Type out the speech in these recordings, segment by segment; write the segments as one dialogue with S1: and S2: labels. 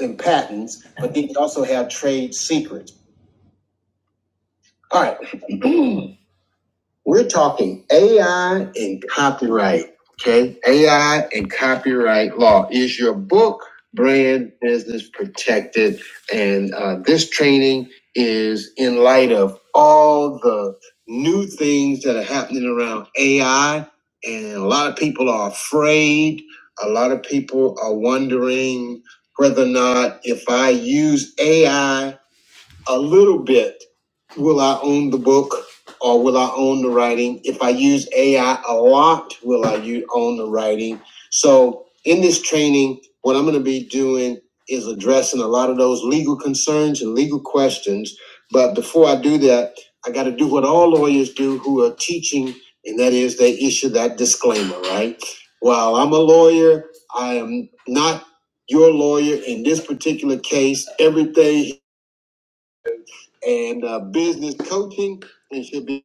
S1: and patents, but then you also have trade secrets. All right. We're talking AI and copyright. Okay. AI and copyright law. Is your book brand business protected? And uh, this training is in light of all the new things that are happening around AI. And a lot of people are afraid. A lot of people are wondering whether or not if I use AI a little bit. Will I own the book or will I own the writing? If I use AI a lot, will I u- own the writing? So, in this training, what I'm going to be doing is addressing a lot of those legal concerns and legal questions. But before I do that, I got to do what all lawyers do who are teaching, and that is they issue that disclaimer, right? While I'm a lawyer, I am not your lawyer in this particular case. Everything and uh, business coaching. And should be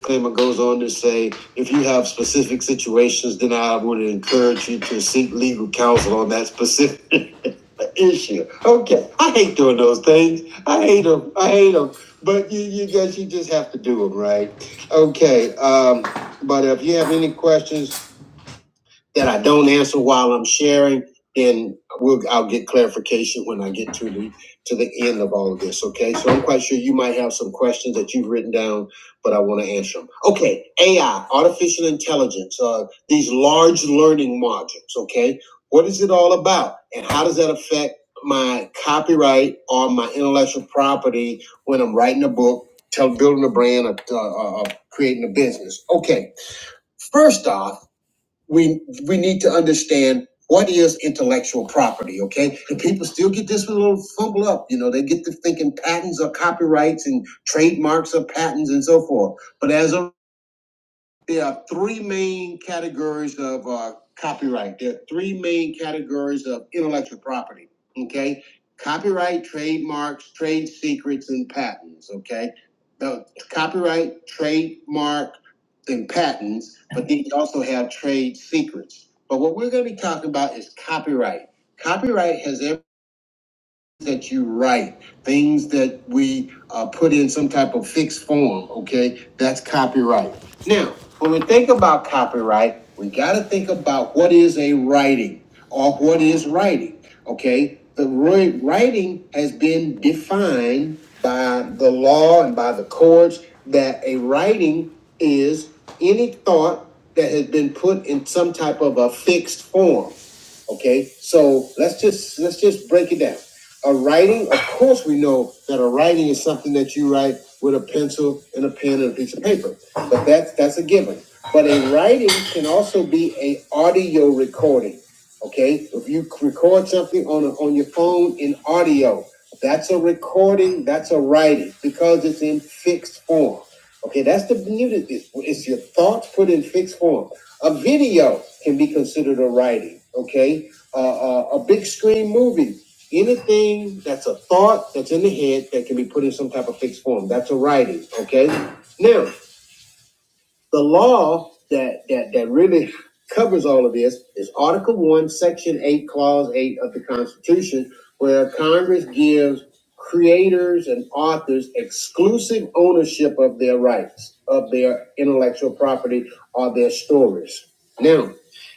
S1: disclaimer goes on to say, if you have specific situations, then I would encourage you to seek legal counsel on that specific issue. Okay, I hate doing those things. I hate them. I hate them. But you, you guess you just have to do them, right? Okay. Um, but if you have any questions, that I don't answer while I'm sharing, then we'll I'll get clarification when I get to the to the end of all of this. Okay. So I'm quite sure you might have some questions that you've written down, but I want to answer them. Okay, AI, artificial intelligence, uh, these large learning modules. Okay, what is it all about, and how does that affect my copyright or my intellectual property when I'm writing a book, tell building a brand, or, uh, or creating a business? Okay, first off we we need to understand what is intellectual property, okay? And people still get this little fumble up, you know, they get to thinking patents are copyrights and trademarks are patents and so forth. But as a there are three main categories of uh, copyright. There are three main categories of intellectual property. Okay, copyright, trademarks, trade secrets, and patents. Okay, now copyright, trademark, and patents, but then you also have trade secrets. But what we're going to be talking about is copyright. Copyright has everything that you write, things that we uh, put in some type of fixed form, okay? That's copyright. Now, when we think about copyright, we got to think about what is a writing or what is writing, okay? The writing has been defined by the law and by the courts that a writing is any thought that has been put in some type of a fixed form. Okay, so let's just let's just break it down. A writing, of course, we know that a writing is something that you write with a pencil and a pen and a piece of paper. But that's that's a given. But a writing can also be a audio recording. Okay, if you record something on a, on your phone in audio, that's a recording. That's a writing because it's in fixed form. Okay, that's the beauty. It's, it's your thoughts put in fixed form. A video can be considered a writing. Okay, uh, uh, a big screen movie anything that's a thought that's in the head that can be put in some type of fixed form. That's a writing. Okay. Now, the law that that that really covers all of this is Article One, Section Eight, Clause Eight of the Constitution, where Congress gives creators and authors exclusive ownership of their rights, of their intellectual property, or their stories. Now,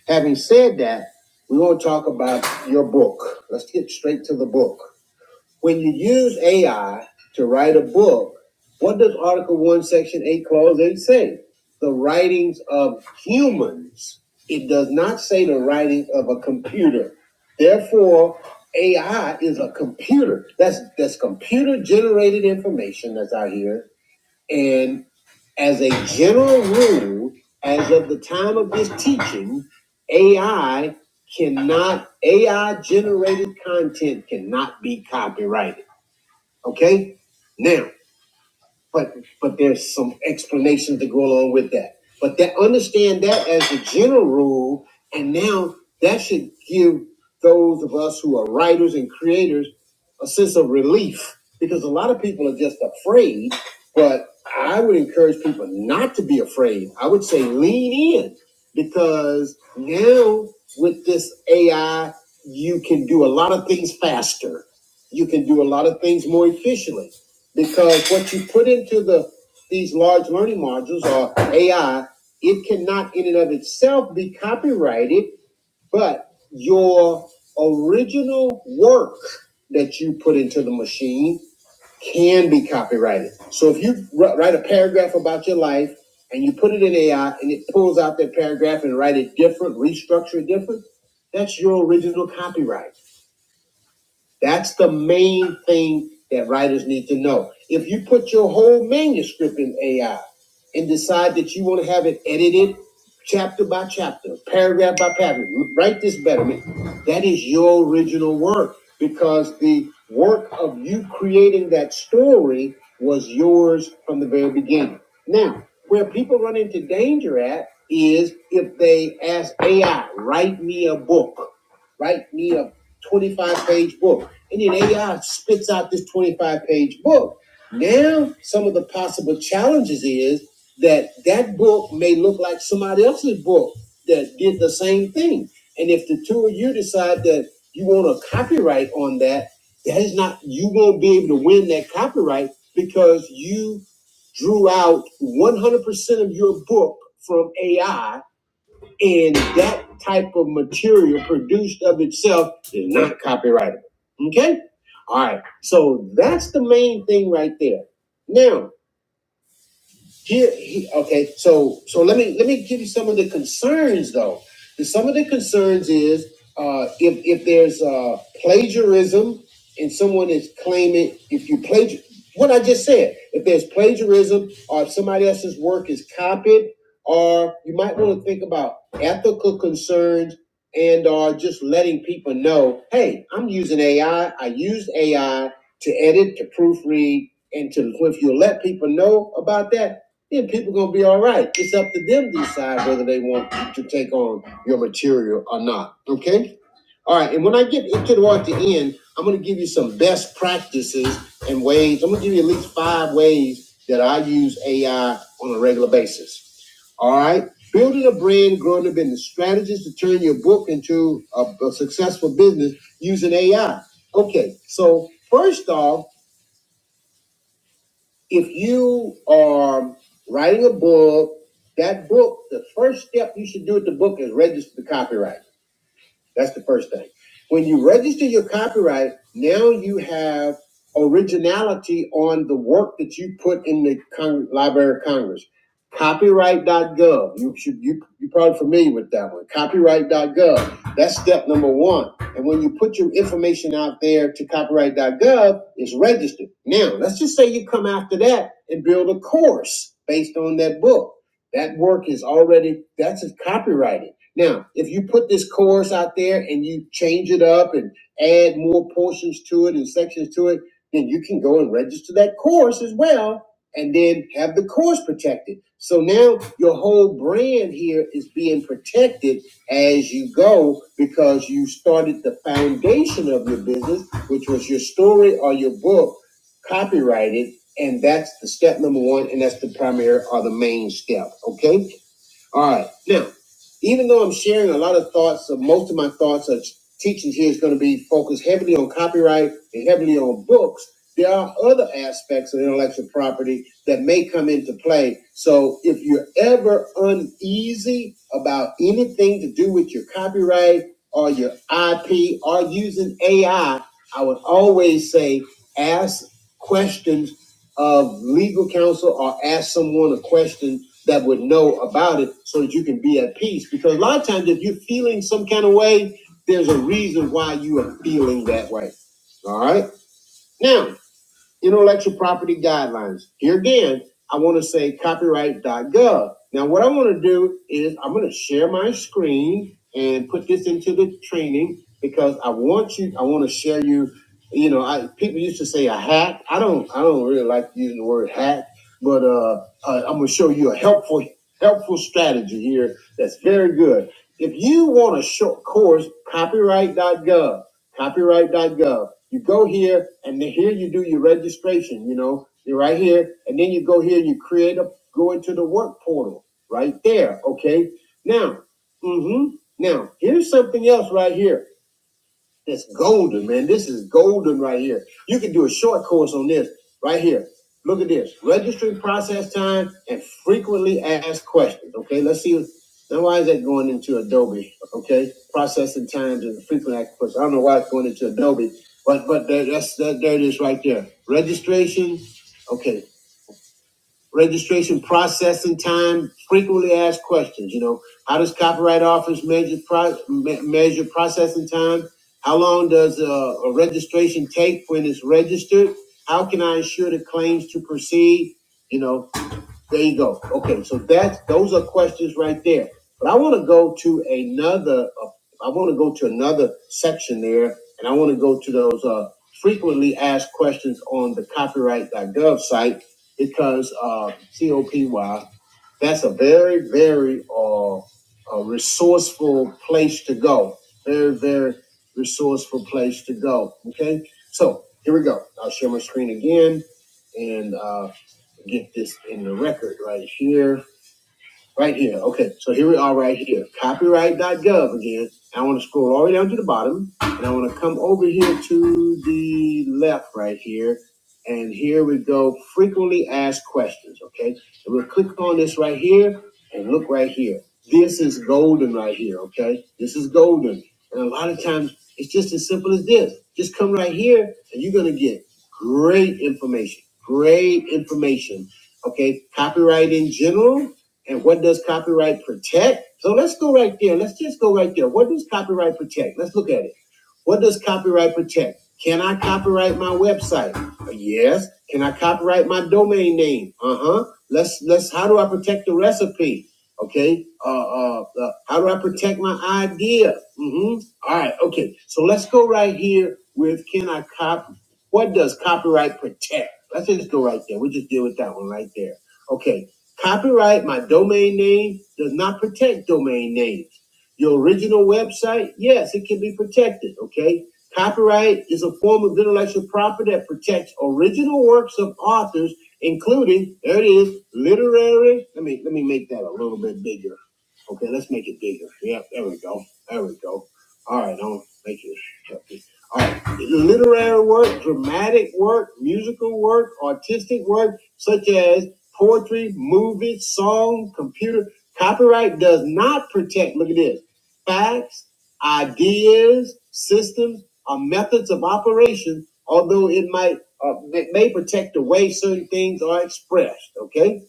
S1: having said that, we want to talk about your book. Let's get straight to the book. When you use AI to write a book, what does Article 1, Section 8, Clause 8 say? The writings of humans. It does not say the writings of a computer. Therefore, AI is a computer. That's that's computer generated information that's out here. And as a general rule, as of the time of this teaching, AI cannot AI generated content cannot be copyrighted. Okay? Now, but but there's some explanations to go along with that. But that understand that as a general rule, and now that should give those of us who are writers and creators a sense of relief because a lot of people are just afraid. But I would encourage people not to be afraid. I would say lean in because now with this AI, you can do a lot of things faster. You can do a lot of things more efficiently because what you put into the these large learning modules or AI, it cannot in and of itself be copyrighted, but your original work that you put into the machine can be copyrighted. So if you write a paragraph about your life and you put it in AI and it pulls out that paragraph and write it different, restructure it different, that's your original copyright. That's the main thing that writers need to know. If you put your whole manuscript in AI and decide that you want to have it edited chapter by chapter, paragraph by paragraph, write this betterment, that is your original work because the work of you creating that story was yours from the very beginning. Now, where people run into danger at is if they ask AI, write me a book "Write me a." 25 page book. And then AI spits out this 25 page book. Now, some of the possible challenges is that that book may look like somebody else's book that did the same thing. And if the two of you decide that you want a copyright on that, that is not, you won't be able to win that copyright because you drew out 100% of your book from AI and that type of material produced of itself is not copyrightable. Okay? All right. So that's the main thing right there. Now, here, he, okay, so so let me let me give you some of the concerns though. And some of the concerns is uh, if if there's uh, plagiarism and someone is claiming if you plagiar what I just said, if there's plagiarism or if somebody else's work is copied, or you might want to think about ethical concerns and or just letting people know, hey, I'm using AI. I I used AI to edit, to proofread, and to if you let people know about that, yeah, people gonna be all right. It's up to them to decide whether they want to take on your material or not. Okay. All right. And when I get it toward the end, I'm gonna give you some best practices and ways. I'm gonna give you at least five ways that I use AI on a regular basis. All right. Building a brand, growing a business, strategies to turn your book into a, a successful business using AI. Okay. So first off if you are writing a book, that book, the first step you should do with the book is register the copyright. That's the first thing. When you register your copyright, now you have originality on the work that you put in the Cong- Library of Congress. Copyright.gov. You should you you're probably familiar with that one. Copyright.gov. That's step number one. And when you put your information out there to copyright.gov, it's registered. Now, let's just say you come after that and build a course based on that book. That work is already that's copyrighted. Now, if you put this chorus out there and you change it up and add more portions to it and sections to it, then you can go and register that chorus as well and then have the chorus protected. So now your whole brand here is being protected as you go because you started the foundation of your business, which was your story or your book, copyrighted. And that's the step number one, and that's the primary or the main step. Okay. All right. Now, even though I'm sharing a lot of thoughts, uh, most of my thoughts are teaching here is going to be focused heavily on copyright and heavily on books. There are other aspects of intellectual property that may come into play. So if you're ever uneasy about anything to do with your copyright or your IP or using AI, I I would always say ask questions of legal counsel or ask someone a question that would know about it so that you can be at peace. Because a lot of times, if you're feeling some kind of way, there's a reason why you are feeling that way. All right. Now, intellectual property guidelines. Here again, I want to say copyright.gov. Now, what I want to do is I'm going to share my screen and put this into the training because I want you, I want to share you. You know, I people used to say a hack. I don't, I don't really like using the word hack, but uh, uh, I'm going to show you a helpful, helpful strategy here that's very good. If you want a short course, copyright.gov copyright.gov. You go here, and then here you do your registration. You know, you're right here, and then you go here, you create a, go into the work portal right there. Okay. Now, mm-hmm. Now, here's something else right here. That's golden, man. This is golden right here. You can do a short course on this right here. Look at this. Registering process time and frequently asked questions. Okay, let's see. Now, why is that going into Adobe? Okay, processing times and frequently asked questions. I don't know why it's going into Adobe, but but there, that's that. There it is right there. Registration. Okay, registration processing time, frequently asked questions. You know, how does copyright office measure pro- measure processing time? How long does a, a registration take when it's registered? How can I ensure the claims to proceed? You know, there you go. Okay, so that's those are questions right there. But I want to go to another. Uh, I want to go to another section there, and I want to go to those uh, frequently asked questions on the copyright.gov site because uh, COPY. That's a very very uh, a resourceful place to go. Very very resourceful place to go. Okay, so here we go. I'll share my screen again and. Uh, get this in the record right here. Right here. Okay. So here we are right here. Copyright.gov again. I want to scroll all the way down to the bottom and I want to come over here to the left right here. And here we go. Frequently asked questions. Okay. And we'll click on this right here and look right here. This is golden right here. Okay. This is golden. And a lot of times it's just as simple as this. Just come right here and you're going to get great information. Great information. Okay. Copyright in general and what does copyright protect? So let's go right there. Let's just go right there. What does copyright protect? Let's look at it. What does copyright protect? Can I copyright my website? Uh, Yes. Can I copyright my domain name? Uh huh. Let's let's. How do I protect the recipe? Okay. Uh, uh, uh how do I protect my idea? Mm-hmm. All right. Okay. So let's go right here with can I copy? What does copyright protect? Let's just go right there. We just deal with that one right there. Okay. Copyright my domain name does not protect domain names. Your original website, yes, it can be protected, okay? Copyright is a form of intellectual property that protects original works of authors, including, there it is, literary. Let me let me make that a little bit bigger. Okay, let's make it bigger. Yep, there we go. There we go. All right, I'll make it healthy. All right, literary work, dramatic work, musical work, artistic work, such as poetry, movies, song, computer. Copyright does not protect, look at this facts, ideas, systems, or methods of operation, although it might uh, may may protect the way certain things are expressed. Okay,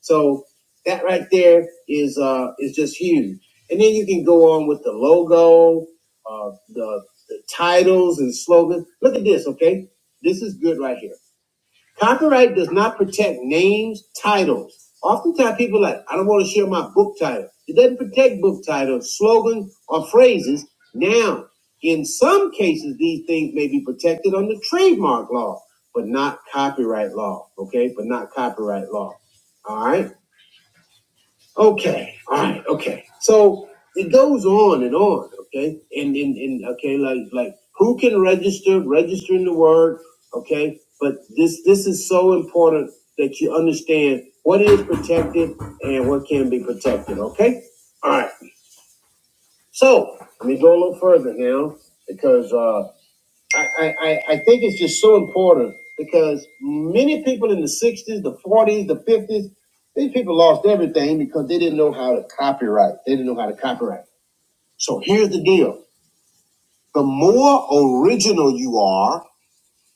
S1: so that right there is uh, is just huge. And then you can go on with the logo, uh, the, the titles and slogans. Look at this. Okay, this is good right here. Copyright does not protect names, titles. Oftentimes people are like, I don't want to share my book title. It doesn't protect book titles, slogans, or phrases. Now, in some cases, these things may be protected under trademark law, but not copyright law. Okay, but not copyright law. All right. Okay, all right, okay. So it goes on and on, okay? And and, and okay, like like who can register, registering the word, okay? But this this is so important that you understand what is protected and what can be protected, okay? All right. So let me go a little further now because uh I, I, I I think it's just so important because many people in the 60s, the 40s, the 50s, these people lost everything because they didn't know how to copyright. They didn't know how to copyright. So here's the deal. The more original you are,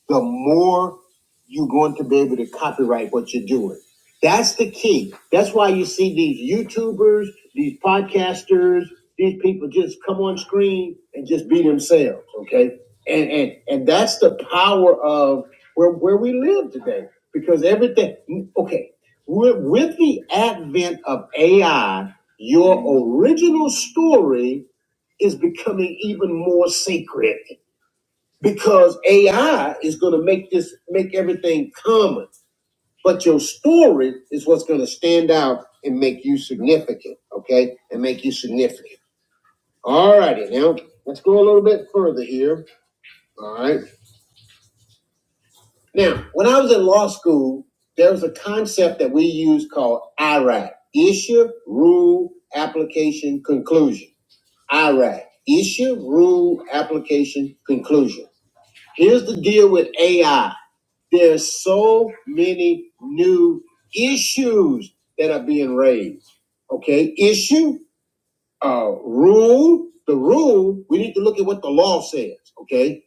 S1: the more you're going to be able to copyright what you're doing. That's the key. That's why you see these YouTubers, these podcasters, these people just come on screen and just be themselves, okay? And and and that's the power of where where we live today because everything okay, with, with the advent of AI, your original story is becoming even more sacred because AI is going to make this make everything common, but your story is what's going to stand out and make you significant. Okay, and make you significant. All righty, now let's go a little bit further here. All right, now when I was in law school, there was a concept that we used called IRAC: issue, rule, application, conclusion. IRAC: issue, rule, application, conclusion. Here's the deal with AI. There's so many new issues that are being raised. Okay, issue, uh, rule. The rule, we need to look at what the law says. Okay,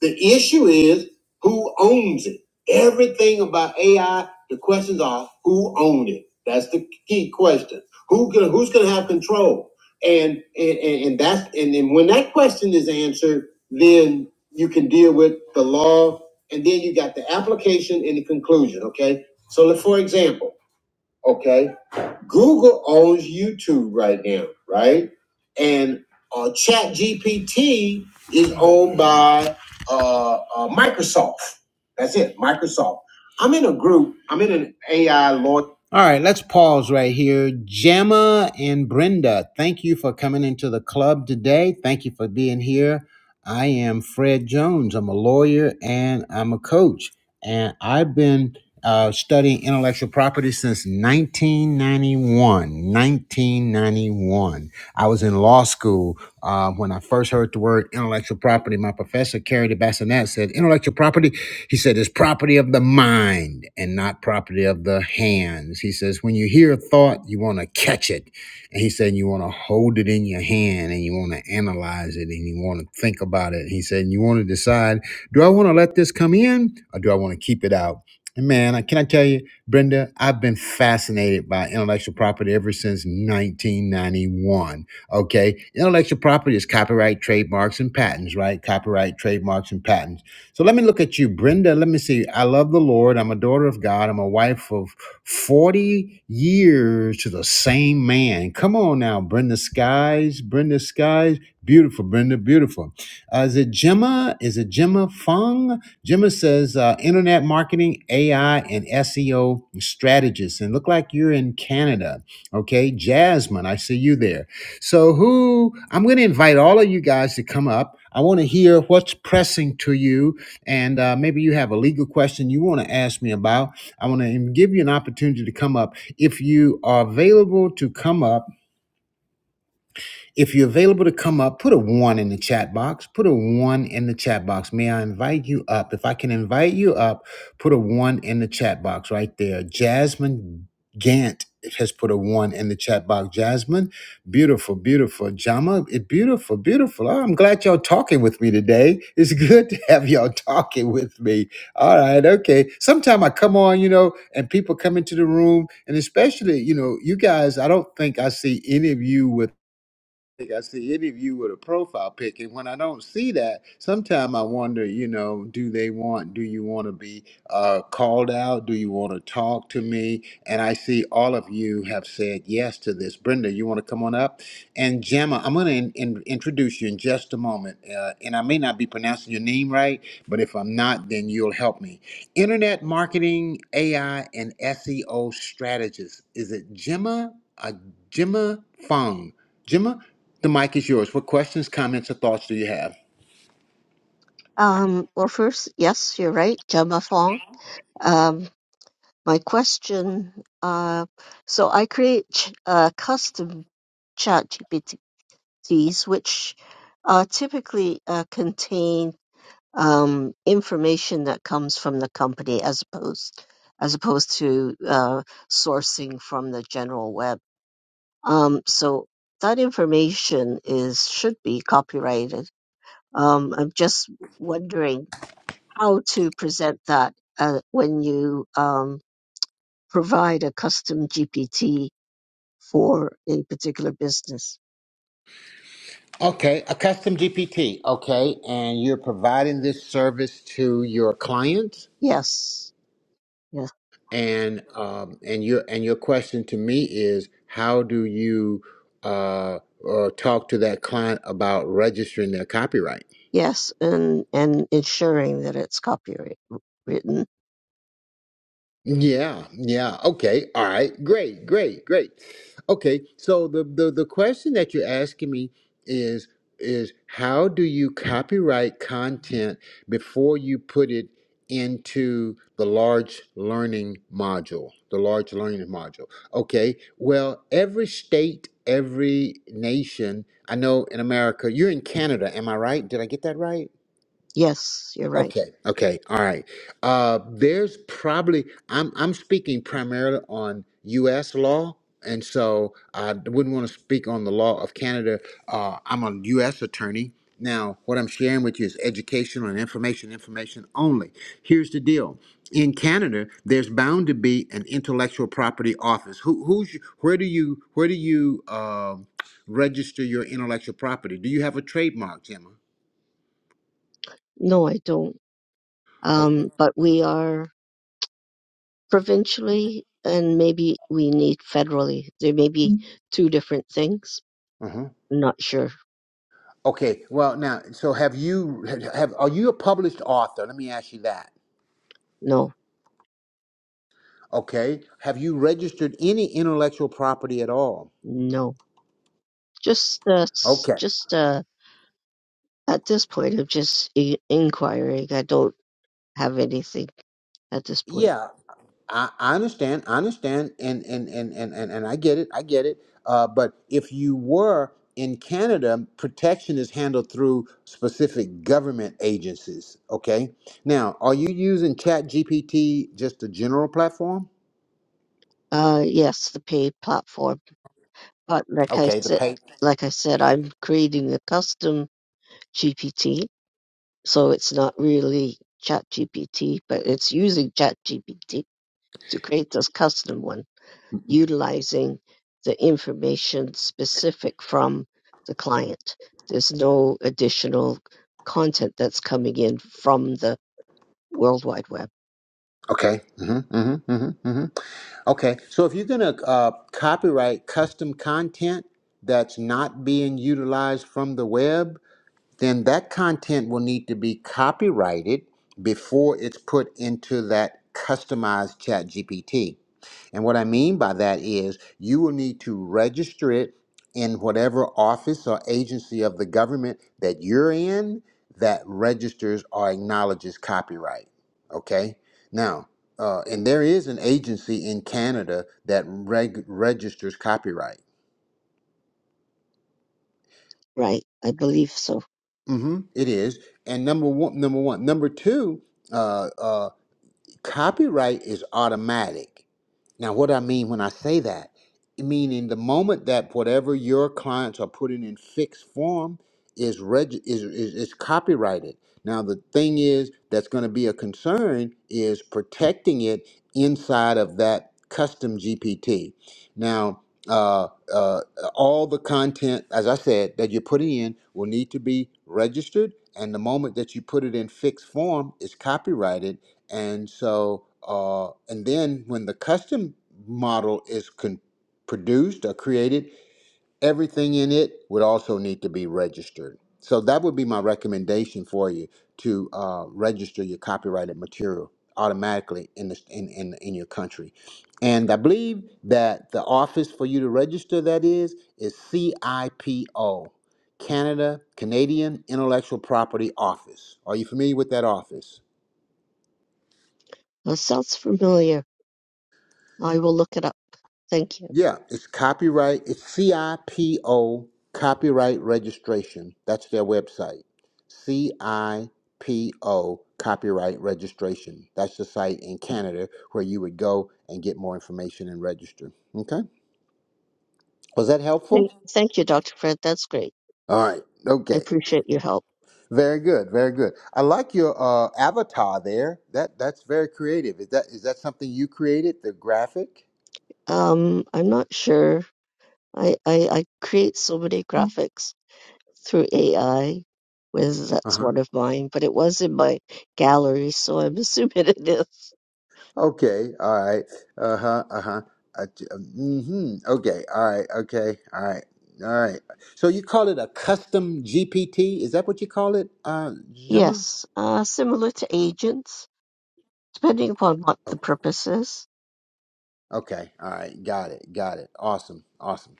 S1: the issue is who owns it. Everything about AI, the questions are who owned it. That's the key question. Who can, who's going to have control? And and and, and that's and then when that question is answered, then you can deal with the law, and then you got the application and the conclusion. Okay. So, let- for example, okay Google owns YouTube right now, right? And uh, Chat is owned by uh, uh, Microsoft. That's it, Microsoft. I'm in a group. I'm in an AI law. All right, let's pause right here. Gemma and Brenda, thank you for coming into the club today. Thank you for being here. I am Fred Jones. I'm a lawyer and I'm a coach. And I've been uh, study intellectual property since 1991. 1991. I was in law school uh, when I first heard the word intellectual property. My professor, Carrie de Bassinet, said intellectual property, he said, is property of the mind and not property of the hands. He says, when you hear a thought, you want to catch it. And he said, you want to hold it in your hand and you want to analyze it and you want to think about it. He said, you want to decide, do I want to let this come in or do I want to keep it out? And Man, I- can I tell you, Brenda, I've been fascinated by intellectual property ever since 1991. Okay. Intellectual property is copyright, trademarks, and patents, right? Copyright, trademarks, and patents. So let me look at you, Brenda. Let me see. I love the Lord. I'm a daughter of God. I'm a wife of 40 years to the same man. Come on now, Brenda Skies. Brenda Skies. Beautiful, Brenda. Beautiful. Uh, is it Gemma? Is it Gemma Fung? Gemma says, uh, internet marketing, AI, and SEO strategist. And look like you're in Canada. Okay. Jasmine, I see you there. So, who I'm going to invite all of you guys to come up. I want to hear what's pressing to you. And uh, maybe you have a legal question you want to ask me about. I want to give you an opportunity to come up. If you are available to come up, if you're available to come up, put a one in the chat box. Put a one in the chat box. May I invite you up? If I can invite you up, put a one in the chat box right there. Jasmine Gant has put a one in the chat box. Jasmine, beautiful, beautiful. Jama, it beautiful, beautiful. Oh, I'm glad y'all talking with me today. It's good to have y'all talking with me. All right, okay. Sometime I come on, you know, and people come into the room, and especially, you know, you guys, I don't think I see any of you with think I see any of you with a profile pic, and when I don't see that, sometimes I wonder, you know, do they want, do you want to be uh, called out? Do you want to talk to me? And I see all of you have said yes to this. Brenda, you want to come on up? And Gemma, I'm going to in, in- introduce you in just a moment, uh, and I may not be pronouncing your name right, but if I'm not, then you'll help me. Internet marketing, AI, and SEO strategist. Is it Gemma? Uh, Gemma Fung. Gemma? The mic is yours. What questions, comments, or thoughts do you have?
S2: Um, well, first, yes, you're right, Gemma Fong. Um, my question, uh, so I create ch- uh, custom chat GPTs, which uh, typically uh, contain um, information that comes from the company as opposed as opposed to uh, sourcing from the general web. Um, so that information is should be copyrighted. Um, I'm just wondering how to present that uh, when you um, provide a custom GPT for a particular business.
S1: Okay, a custom GPT. Okay, and you're providing this service to your clients,
S2: Yes, yes,
S1: and um, and your and your question to me is, how do you uh, uh, talk to that client about registering their copyright?
S2: yes, and and ensuring that it's copyright written.
S1: Yeah, yeah. Okay. All right. Great, great, great. Okay. So the the the question that you're asking me is is how do you copyright content before you put it into the large learning module, the large learning module. Okay. Well, every state, every nation, I know in America, you're in Canada, am I right? Did I get that right?
S2: Yes, you're right.
S1: Okay. Okay. All right. Uh, there's probably I'm I'm speaking primarily on U.S. law, and so I wouldn't want to speak on the law of Canada. Uh, I'm a U.S. attorney. Now, what I'm sharing with you is educational and information, information only. Here's the deal: in Canada, there's bound to be an intellectual property office. Who, who's, your- where do you, where do you um register your intellectual property? Do you have a trademark, Gemma?
S2: No, I don't. Um, but we are provincially, and maybe we need federally. There may be Mm. two different things.
S1: Okay.
S2: I'm not sure.
S1: Okay, well now, so have you have are you a published author? Let me ask you that.
S2: No,
S1: Okay, have you registered any intellectual property at all?
S2: no. Just uh, s-
S1: Okay,
S2: just uh, At this point, I'm just I- inquiring. I don't have anything at this point.
S1: yeah, I, I understand, I understand, and and and and and, and I get it, I get it. Uh, but if you were in Canada, protection is handled through specific government agencies. Okay, now are you using Chat GPT just a general platform?
S2: Uh, yes, the paid platform. But like I
S1: Okay, the
S2: said,
S1: pay.
S2: like I said, I'm creating a custom GPT, so it's not really ChatGPT, but it's using ChatGPT to create this custom one, utilizing the information specific from the client. There's no additional content that's coming in from the World Wide Web.
S1: Okay. Mm-hmm, mm-hmm, mm-hmm, mm-hmm. Okay, so if you're gonna uh, copyright custom content that's not being utilized from the web, then that content will need to be copyrighted before it's put into that customized chat GPT. And what I mean by that is you will need to register it in whatever office or agency of the government that you're in that registers or acknowledges copyright. Okay? Now, uh, and there is an agency in Canada that reg- registers copyright.
S2: Right, I believe so.
S1: Mm-hmm. It is. And number one, number one, number two. uh, uh, Copyright is automatic. Now, what I mean when I say that, meaning the moment that whatever your clients are putting in fixed form is reg is, is, is copyrighted. Now, the thing is that's going to be a concern is protecting it inside of that custom GPT. Now, uh, uh, all the content, as I said, that you're putting in will need to be registered. And the moment that you put it in fixed form, it's copyrighted and so, uh, and then when the custom model is con- produced or created, everything in it would also need to be registered. So that would be my recommendation for you to uh, register your copyrighted material automatically in, this, in, in in your country. And I believe that the office for you to register that is is CIPO, Canada Canadian Intellectual Property Office. Are you familiar with that office?
S2: Uh, sounds familiar. I will look it up. Thank you.
S1: Yeah, it's copyright. It's CIPO copyright registration. That's their website. CIPO copyright registration. That's the site in Canada where you would go and get more information and register. Okay? Was that
S2: Thank,
S1: helpful?
S2: thank you, Dr. Fred. That's great.
S1: All right.
S2: I
S1: Okay.
S2: appreciate your help.
S1: Very good. Very good. I like your uh, avatar there. That that's very creative. Is that is that something you created? The graphic?
S2: Um, I'm not sure. I, I, I create so many graphics through AI, whether that's
S1: Uh-huh.
S2: one of mine, but it was in my gallery, so I'm assuming it is.
S1: Okay, all right. Uh huh. Uh huh. Uh, mm-hmm. Okay. All right. Okay. All right. All right. So you call it a custom GPT? Is that what you call it, uh, Gemma?
S2: Yes, uh, similar to agents, depending upon what the
S1: Okay.
S2: purpose is.
S1: Okay. All right. Got it. Got it. Awesome. Awesome.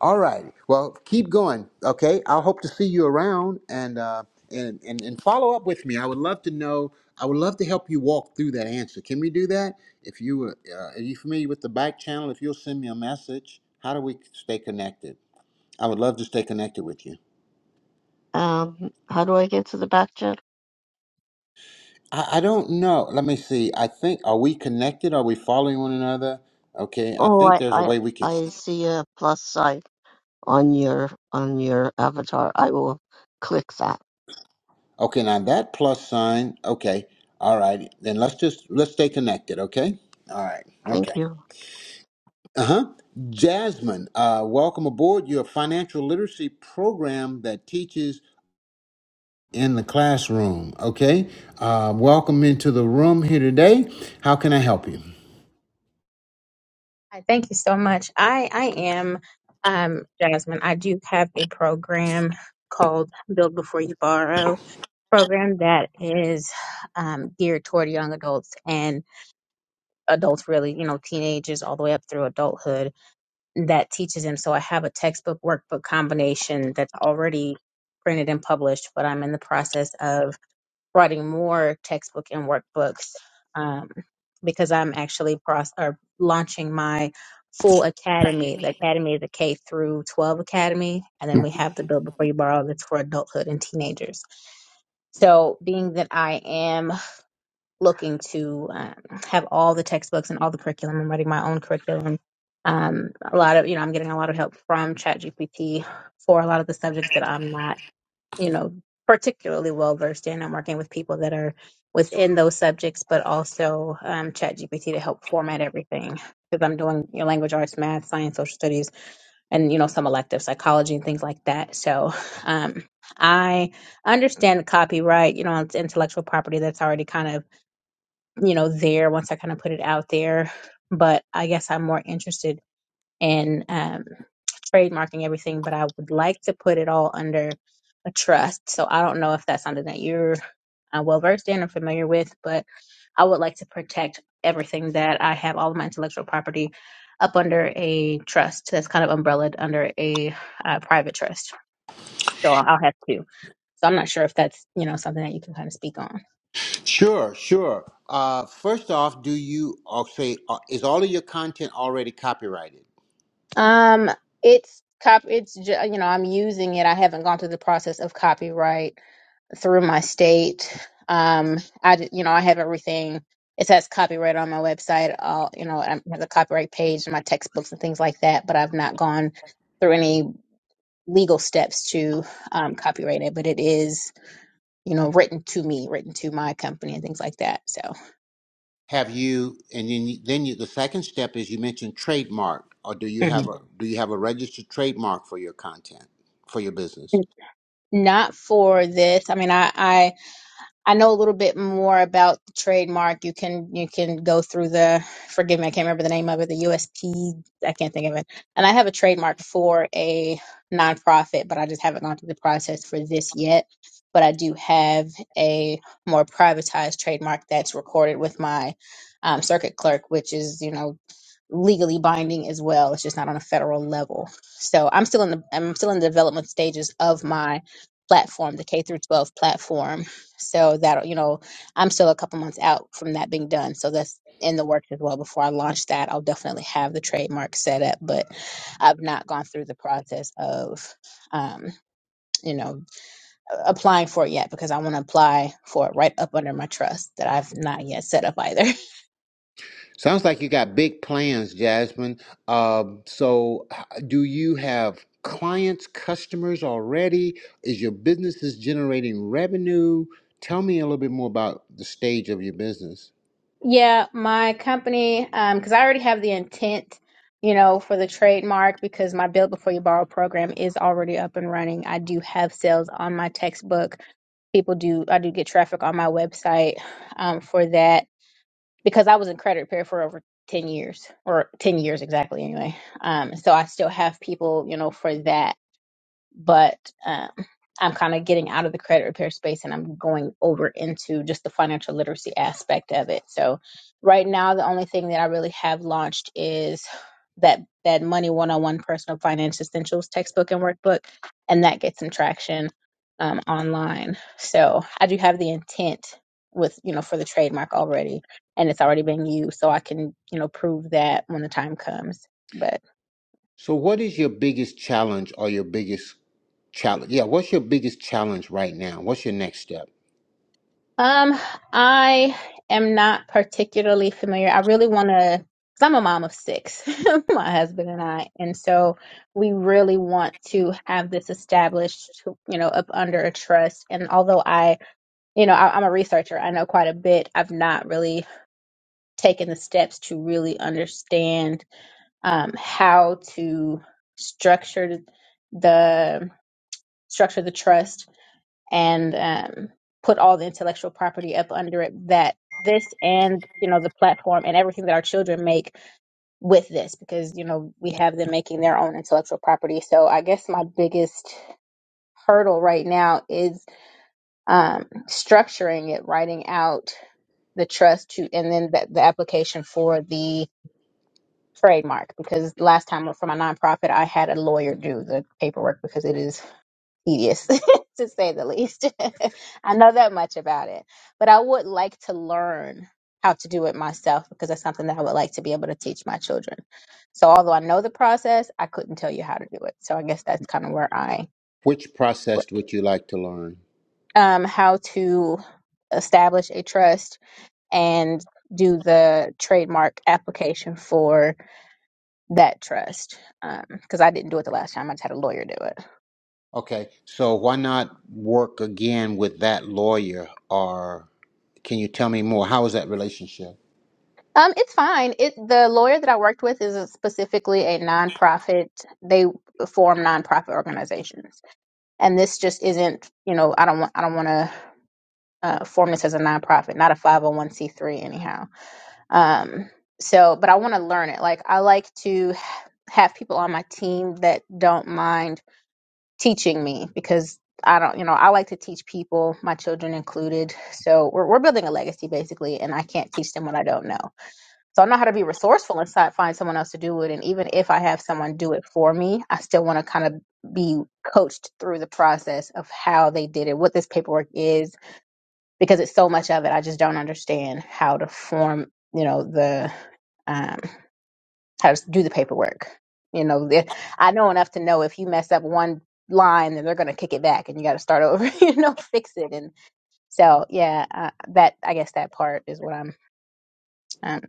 S1: All right. Well, keep going. Okay. I'll hope to see you around and uh and, and and follow up with me. I would love to know. I would love to help you walk through that answer. Can we do that? If you uh, are you familiar with the back channel? If you'll send me a message, how do we stay connected? I would love to stay connected with you.
S2: Um, how do I get to the back channel?
S1: I, I don't know. Let me see. I think are we connected? Are we following one another? Okay. I
S2: Oh,
S1: think
S2: I,
S1: there's a
S2: I,
S1: way we can.
S2: I see a plus sign. on your on your avatar. I will click that.
S1: Okay, now that plus sign, okay. All right. Then let's just let's stay connected, okay? All right.
S2: Thank
S1: Okay.
S2: you.
S1: Uh-huh. Jasmine, uh, welcome aboard your financial literacy program that teaches in the classroom. Okay. Uh, welcome into the room here today. How can I help you?
S3: Hi, thank you so much. I I am um Jasmine. I do have a program called Build Before You Borrow program that is um, geared toward young adults and adults really, you know, teenagers all the way up through adulthood that teaches them. So I have a textbook workbook combination that's already printed and published, but I'm in the process of writing more textbook and workbooks um, because I'm actually pros- or launching my full academy. The academy is a K through 12 academy, and then we have the Build Before You Borrow that's for adulthood and teenagers. So, being that I am looking to um, have all the textbooks and all the curriculum, I'm writing my own curriculum. Um, a lot of you know, I'm getting a lot of help from ChatGPT for a lot of the subjects that I'm not you know, particularly well versed in. I'm working with people that are within those subjects, but also um, ChatGPT to help format everything because I'm doing you know, language arts, math, science, social studies, and you know, some elective psychology and things like that. So um, I understand copyright, you know, it's intellectual property that's already kind of you know there once I kind of put it out there. But I guess I'm more interested in. um, trademarking everything, but I would like to put it all under a trust. So I don't know if that's something that you're uh, well versed in or familiar with, but I would like to protect everything that I have, all of my intellectual property, up under a trust that's kind of umbrellaed under a uh, private trust. So I'll have two. So I'm not sure if that's you know something that you can kind of speak on.
S1: Sure, sure. Uh, first off, do you or say uh, is all of your content already copyrighted?
S3: Um, it's cop. It's ju- you know I'm using it. I haven't gone through the process of copyright through my state. Um, I d- you know I have everything. It says copyright on my website. All you know, I have the copyright page and my textbooks and things like that. But I've not gone through any legal steps to um, copyright it. But it is you know written to me, written to my company and things like that. So
S1: Have you? And then you, then you. The second step is you mentioned trademark, or do you have
S3: Mhm.
S1: a do you have a registered trademark for your content for your business?
S3: not for this. I mean, I. I know a little bit more about the trademark. You can you can go through the forgive me, I can't remember the name of it, the USP, I can't think of it. And I have a trademark for a nonprofit, but I just haven't gone through the process for this yet. But I do have a more privatized trademark that's recorded with my um, circuit clerk, which is you know legally binding as well. It's just not on a federal level. So I'm still in the I'm still in the development stages of my platform, the K through 12 platform so that you know, I'm still a couple months out from that being done. So that's in the works as well. Before I launch that, I'll definitely have the trademark set up, but I've not gone through the process of, um, you know, a- applying for it yet because I want to apply for it right up under my trust that I've not yet set up either.
S1: Sounds like you got big plans, Jasmine. Um, so, h- do you have clients, customers already? Is your business is generating revenue? Tell me a little bit more about the stage of your business.
S3: Yeah, my company, um, because I already have the intent, you know, for the trademark because my Build Before You Borrow program is already up and running. I do have sales on my textbook. People do, I do get traffic on my website um, for that because I was in credit repair for over 10 years or 10 years exactly anyway. Um, so I still have people, you know, for that but um, I'm kind of getting out of the credit repair space and I'm going over into just the financial literacy aspect of it. So right now, the only thing that I really have launched is that that Money 101 Personal Finance Essentials textbook and workbook, and that gets some traction um, online. So I do have the intent with you know for the trademark already, and it's already being used, so I can you know prove that when the time comes.
S1: So, what is your biggest challenge or your biggest Challenge. Yeah, what's your biggest challenge right now? What's your next step?
S3: Um, I am not particularly familiar. I really want to, because I'm a mom of six, my husband and I, and so we really want to have this established, you know, up under a trust. And although I, you know, I, I'm a researcher, I know quite a bit. I've not really taken the steps to really understand um, how to structure the structure the trust and um, put all the intellectual property up under it that this and you know the platform and everything that our children make with this because you know we have them making their own intellectual property so i guess my biggest hurdle right now is um, structuring it writing out the trust to and then the, the application for the trademark because last time for my nonprofit i had a lawyer do the paperwork because it is tedious to say the least. I know that much about it, but I would like to learn how to do it myself because that's something that I would like to be able to teach my children. So although I know the process, I couldn't tell you how to do it. So I guess that's kind of where I
S1: Which process would you like to learn?
S3: um how to establish a trust and do the trademark application for that trust because I didn't do it the last time. I just had a lawyer do it.
S1: Okay, so why not work again with that lawyer? Or can you tell me more? How is that relationship?
S3: Um, it's fine. It the lawyer that I worked with is a- specifically a nonprofit. They form nonprofit organizations, and this just isn't. You know, I don't want. I don't want to uh, form this as a nonprofit, not a five hundred one c three, anyhow. Um, so, but I want to learn it. Like I like to ha- have people on my team that don't mind teaching me because I don't. You know, I like to teach people, my children included. So we're we're building a legacy basically, and I can't teach them what I don't know. So I know how to be resourceful and si- find someone else to do it. And even if I have someone do it for me, I still want to kind of be coached through the process of how they did it, what this paperwork is, because it's so much of it. I just don't understand how to form, you know, the um, how to do the paperwork. You know, the, I know enough to know if you mess up one line, then they're going to kick it back, and you got to start over. You know, fix it. And so, yeah, uh, that I guess that part is what I'm um,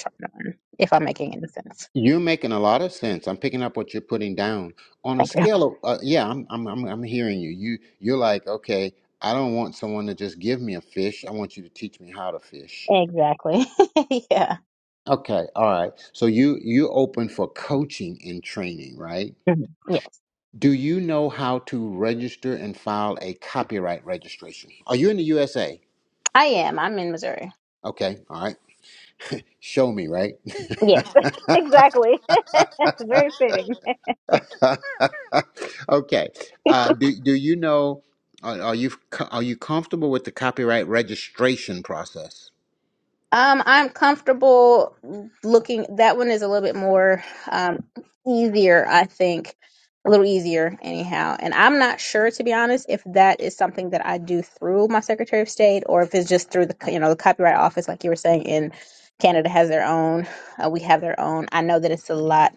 S3: trying to learn if I'm making any sense.
S1: You're making a lot of sense. I'm picking up what you're putting down on a
S3: Thank you.
S1: scale of uh, yeah. I'm, I'm I'm I'm hearing you. You you're like okay. I don't want someone to just give me a fish. I want you to teach me how to fish.
S3: Exactly. yeah.
S1: Okay, all right. So you you open for coaching and training, right?
S3: Mhm. Yeah.
S1: Do you know how to register and file a copyright registration? Are you in the USA?
S3: I am. I'm in Missouri.
S1: Okay, all right. Show me, right?
S3: Yes, exactly. Very fitting.
S1: okay. Uh, do do you know? Are, are you are you comfortable with the copyright registration process,
S3: Um, I'm comfortable looking. That one is a little bit more um, easier, I think. A little easier, anyhow. And I'm not sure, to be honest, if that is something that I do through my Secretary of State or if it's just through the, co- you know, the Copyright Office, like you were saying. In Canada has their own. Uh, we have their own. I know that it's a lot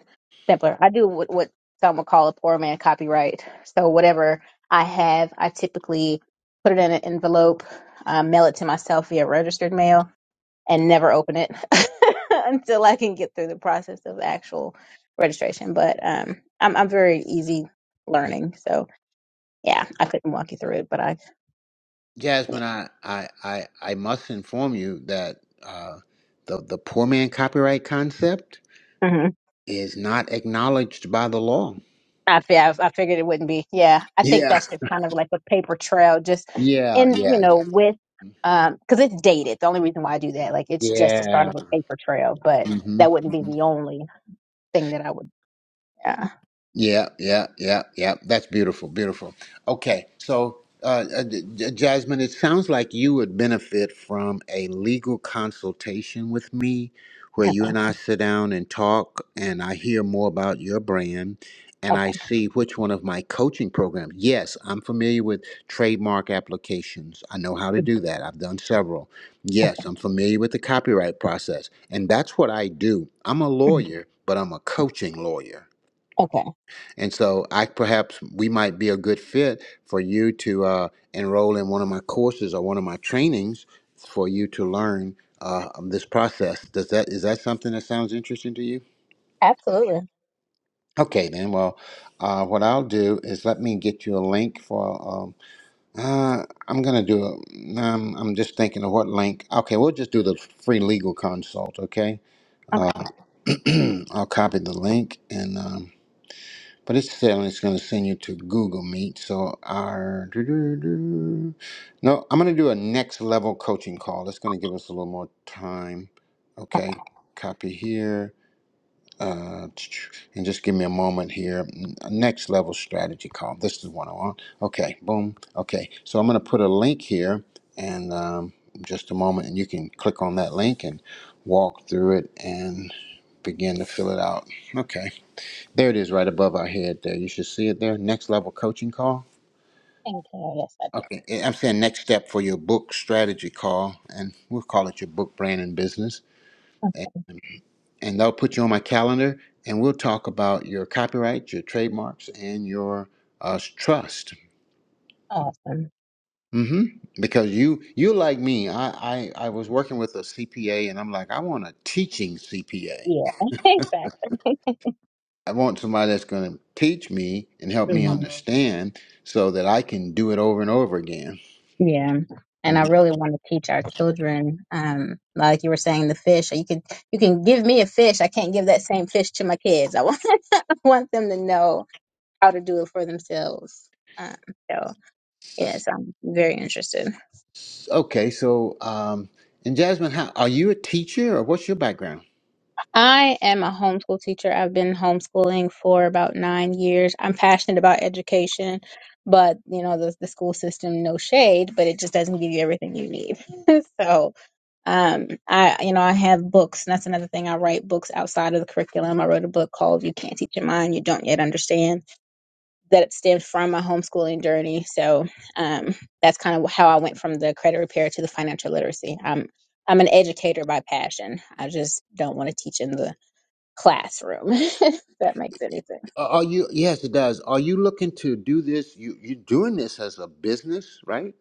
S3: simpler. I do what, what some would call a poor man copyright. So whatever I have, I typically put it in an envelope, uh, mail it to myself via registered mail and never open it until I can get through the process of actual registration. But um, I'm I'm very easy learning, so yeah, I couldn't walk you through it, but I yeah.
S1: Jasmine? I I I, I must inform you that uh, the the poor man copyright concept
S3: hmm
S1: is not acknowledged by the law.
S3: I, fi- I I figured it wouldn't be. Yeah, I think
S1: Yeah.
S3: that's just kind of like a paper trail, just
S1: Yeah.
S3: in you
S1: Yeah.
S3: know
S1: Yeah.
S3: with um because it's dated. The only reason why I do that, like it's just the start
S1: Yeah.
S3: of a paper trail, but
S1: hmm
S3: that wouldn't be
S1: hmm
S3: the only thing that I would. Yeah.
S1: Yeah, yeah, yeah, yeah. That's beautiful, beautiful. Okay, so uh, uh, J- J- Jasmine, it sounds like you would benefit from a legal consultation with me, where you
S3: Okay.
S1: and I sit down and talk, and I hear more about your brand, and I see which one of my coaching programs. Yes, I'm familiar with trademark applications. I know how to
S3: Okay.
S1: do that. I've done several. Yes, I'm familiar with the copyright process, and that's what I do. I'm a lawyer, but I'm a coaching lawyer.
S3: Okay.
S1: And so I perhaps we might be a good fit for you to uh, enroll in one of my courses or one of my trainings for you to learn uh, this process. Does that is that something that sounds interesting to you?
S3: Absolutely.
S1: Okay, then. Well, uh, what I'll do is let me get you a link for. Um, uh, I'm gonna do. A, um, I'm just thinking of what link. Okay, we'll just do the free legal consult. Okay, uh,
S3: Okay.
S1: I'll copy the link and. Um, But it's saying it's going to send you to Google Meet. So our no, I'm going to do a next level coaching call. That's going to give us a little more time.
S3: Okay.
S1: Okay, copy here. Uh, and just give me a moment here. Next level strategy call. This is what I want. Okay, boom. Okay, so I'm going to put a link here, and um, just a moment, and you can click on that link and walk through it and begin to fill it out. Okay. There it is, right above our head. There, you should see it there. Next level coaching call.
S3: Thank you. Yes, I do.
S1: Okay, I'm saying next step for your book strategy call, and we'll call it your book brand and business. And they'll put you on my calendar, and we'll talk about your copyright, your trademarks, and your uh, trust.
S3: Awesome.
S1: Mm-hmm. Because you, you like me, I, I, I was working with a CPA, and I'm like, I want a teaching CPA.
S3: Yeah, exactly.
S1: I want somebody that's going to teach me and help me
S3: Mhm.
S1: understand, so that I can do it over and over again.
S3: Yeah. And
S1: Mm-hmm.
S3: I really want to teach our children, um, like you were saying, the fish. You can you can give me a fish. I can't give that same fish to my kids. I want I want them to know how to do it for themselves. Um, so yes, I'm very interested.
S1: Okay, so um, and Jasmine, how are you a teacher or what's your background?
S3: I am a homeschool teacher. I've been homeschooling for about nine years. I'm passionate about education, but you know the the school system, no shade, but it just doesn't give you everything you need. so Um, I, you know, I have books, and that's another thing. I write books outside of the curriculum. I wrote a book called "You Can't Teach Your Mind, You Don't Yet Understand," that stemmed from my homeschooling journey. So, um, that's kind of how I went from the credit repair to the financial literacy. I'm, I'm an educator by passion. I just don't want to teach in the classroom. if that makes any sense.
S1: Are are you? Yes, it does. Are you looking to do this? You you're doing this as a business, right?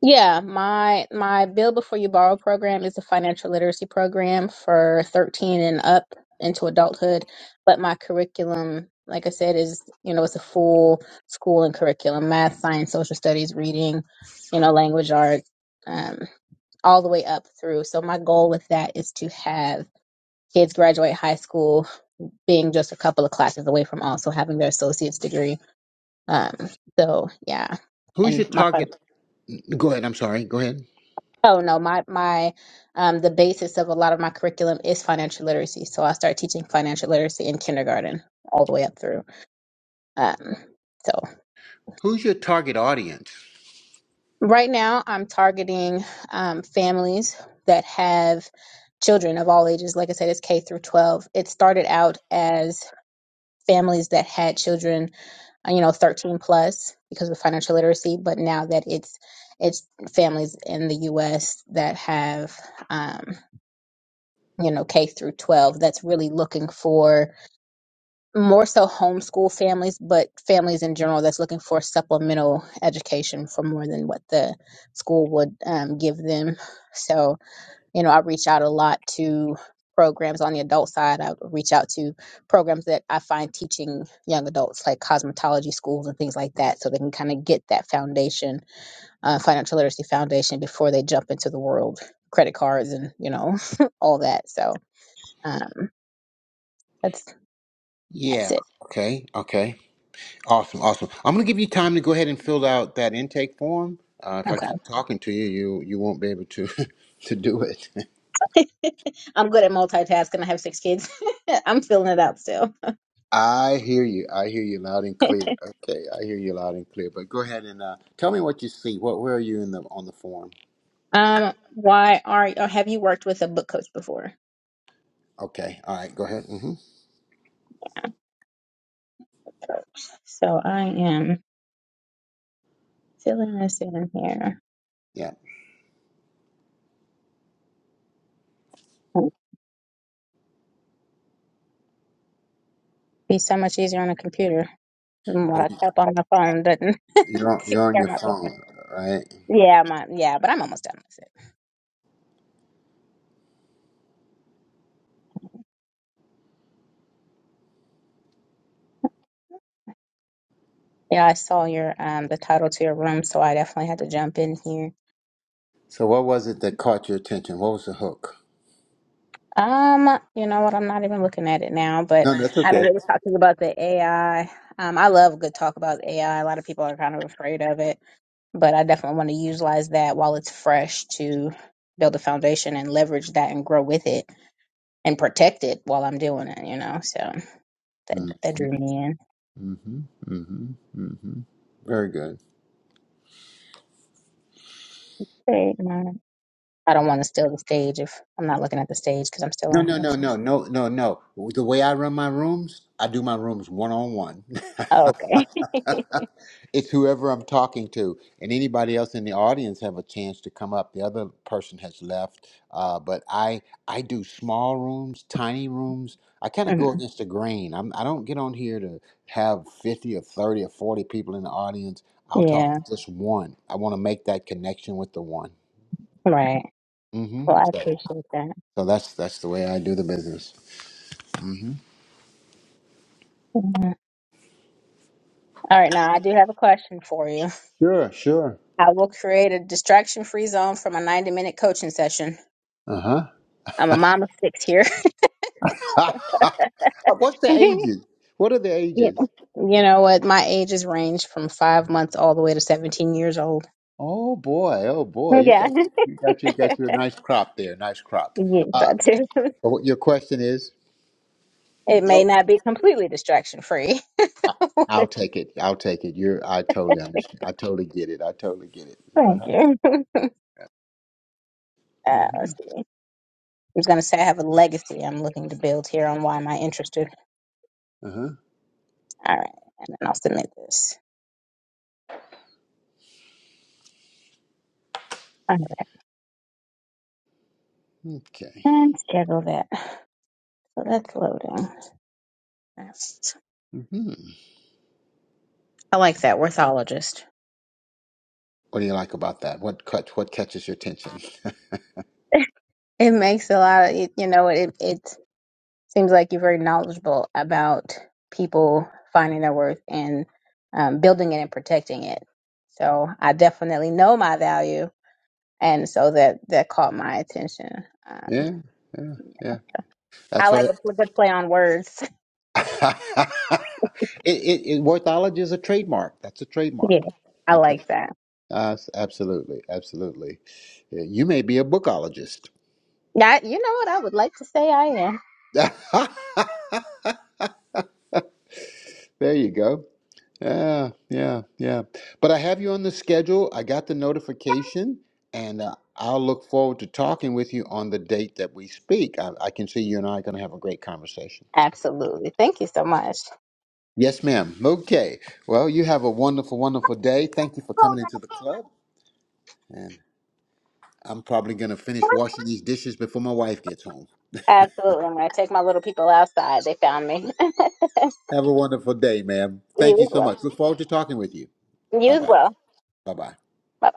S3: Yeah, my my Bill Before You Borrow program is a financial literacy program for 13 and up into adulthood, but my curriculum, like I said, is, you know, it's a full school and curriculum, math, science, social studies, reading, you know, language arts, um, all the way up through. So my goal with that is to have kids graduate high school being just a couple of classes away from also having their associate's degree. Um, so yeah,
S1: Who's
S3: and
S1: your
S3: my
S1: target? Go ahead. I'm sorry. Go ahead.
S3: Oh no, my my um the basis of a lot of my curriculum is financial literacy. So I start teaching financial literacy in kindergarten all the way up through. Um, so
S1: Who's your target audience?
S3: right now I'm targeting um, families that have children of all ages. Like I said, it's K through 12. It started out as families that had children uh, you know 13 plus because of financial literacy but now that it's it's families in the us that have um, you know, K through 12 that's really looking for more so homeschool families, but families in general that's looking for supplemental education for more than what the school would um, give them. So, you know, I reach out a lot to programs on the adult side. I reach out to programs that I find teaching young adults, like cosmetology schools and things like that, so they can kind of get that foundation, uh, financial literacy foundation before they jump into the world credit cards and you know all that so um, that's That's
S1: Yeah.
S3: it.
S1: Okay. Okay. Awesome. Awesome. I'm gonna give you time to go ahead and fill out that intake form. Uh, if I
S3: Okay.
S1: keep talking to you, you you won't be able to to do it.
S3: I'm good at multitasking. I have six kids. I'm filling it out still.
S1: I hear you. I hear you loud and clear. Okay, I hear you loud and clear. But go ahead and uh, tell me what you see. What where are you in the on the form?
S3: Um, why are or have you worked with a book coach before?
S1: Okay. All right. Go ahead. hmm
S3: So I am filling this in here.
S1: Yeah.
S3: Be so much easier on a computer than what
S1: Oh,
S3: I
S1: you-
S3: type on my phone doesn't
S1: you're on,
S3: kick
S1: you're on
S3: down
S1: your
S3: my paper.
S1: phone, right?
S3: Yeah, my yeah, but I'm almost done with it. Yeah, I saw your um the title to your room, so I definitely had to jump in here
S1: So what was it that caught your attention? What was the hook?
S3: Um, you know what? I'm not even looking at it now, but
S1: No, that's
S3: I mean,
S1: okay.
S3: they were talking about the AI. Um, I love good talk about AI. A lot of people are kind of afraid of it, but I definitely want to utilize that while it's fresh to build a foundation and leverage that and grow with it and protect it while I'm doing it, you know? So that, that
S1: Mm-hmm.
S3: drew me in.
S1: Mm-hmm. Mm-hmm. mm-hmm. Very good.
S3: Great, Mom. I don't want to steal the stage if I'm not looking at the stage because I'm still
S1: No,
S3: on
S1: no,
S3: here.
S1: no, no, no, no, no. The way I run my rooms, I do my rooms one on one.
S3: Oh, Okay.
S1: It's whoever I'm talking to, and anybody else in the audience have a chance to come up. The other person has left, uh, but I I do small rooms, tiny rooms. I kind of
S3: Mhm.
S1: go against the grain. I'm, I don't get on here to have fifty or thirty or forty people in the audience. I'll talk
S3: Yeah,
S1: to just one. I want to make that connection with the one.
S3: right.
S1: hmm
S3: Well, I appreciate that.
S1: So that's that's the way I do the business. Mm-hmm.
S3: Mhm. All right, now I do have a question for you.
S1: Sure, sure.
S3: I will create a distraction free zone from a 90 minute coaching session.
S1: Uh
S3: I'm a mom of six here.
S1: huh. What's the
S3: yeah.
S1: ages? What are the ages?
S3: You know what? My ages range from five months all the way to 17 years old.
S1: Oh boy, oh boy, you
S3: Yeah.
S1: got you got you got your nice crop there, nice crop.
S3: yes,
S1: Uh,
S3: I do.
S1: so what your question is?
S3: It may
S1: Oh,
S3: not be completely distraction free.
S1: I- I'll take it. I'll take it. You're. I totally understand. I totally get it. I totally get it. Uh
S3: Thank
S1: huh.
S3: you. Uh,
S1: Mm-hmm.
S3: let's see. I was going to say I have a legacy I'm looking to build here on why am I interested.
S1: Uh huh.
S3: All right. And then I'll submit this. All right.
S1: Okay.
S3: And schedule that. So that's loading.
S1: hmm
S3: I like that. Orthologist.
S1: What do you like about that? What cut? What catches your attention?
S3: It makes a lot of, it, you know, it, it seems like you're very knowledgeable about people finding their worth and um, building it and protecting it. So I definitely know my value. And so that, that caught my attention. Um,
S1: Yeah. Yeah. Yeah.
S3: I
S1: That's
S3: like
S1: what.
S3: a pl- good play on words.
S1: it, it, it, Worthology is a trademark. That's a trademark.
S3: Yeah, I
S1: I tra-
S3: like that.
S1: uh, s- absolutely, absolutely. Yeah, You may be a bookologist.
S3: Yeah, you know what? I would like to say I am.
S1: there you go. Yeah, yeah, yeah. But I have you on the schedule. I got the notification, and uh, I'll look forward to talking with you on the date that we speak. I, I can see you and I are going to have a great conversation.
S3: Absolutely. Thank you so much.
S1: Yes, ma'am. Okay. Well, you have a wonderful, wonderful day. Thank you for coming into the club. I'm probably going to finish washing these dishes before my wife gets home.
S3: Absolutely. I'm going to take my little people outside. They found me.
S1: Have a wonderful day, ma'am. Thank
S3: you
S1: you
S3: as
S1: so
S3: well.
S1: much. Look forward to talking with you.
S3: You
S1: Bye
S3: as
S1: bye.
S3: well.
S1: Bye bye.
S3: Bye.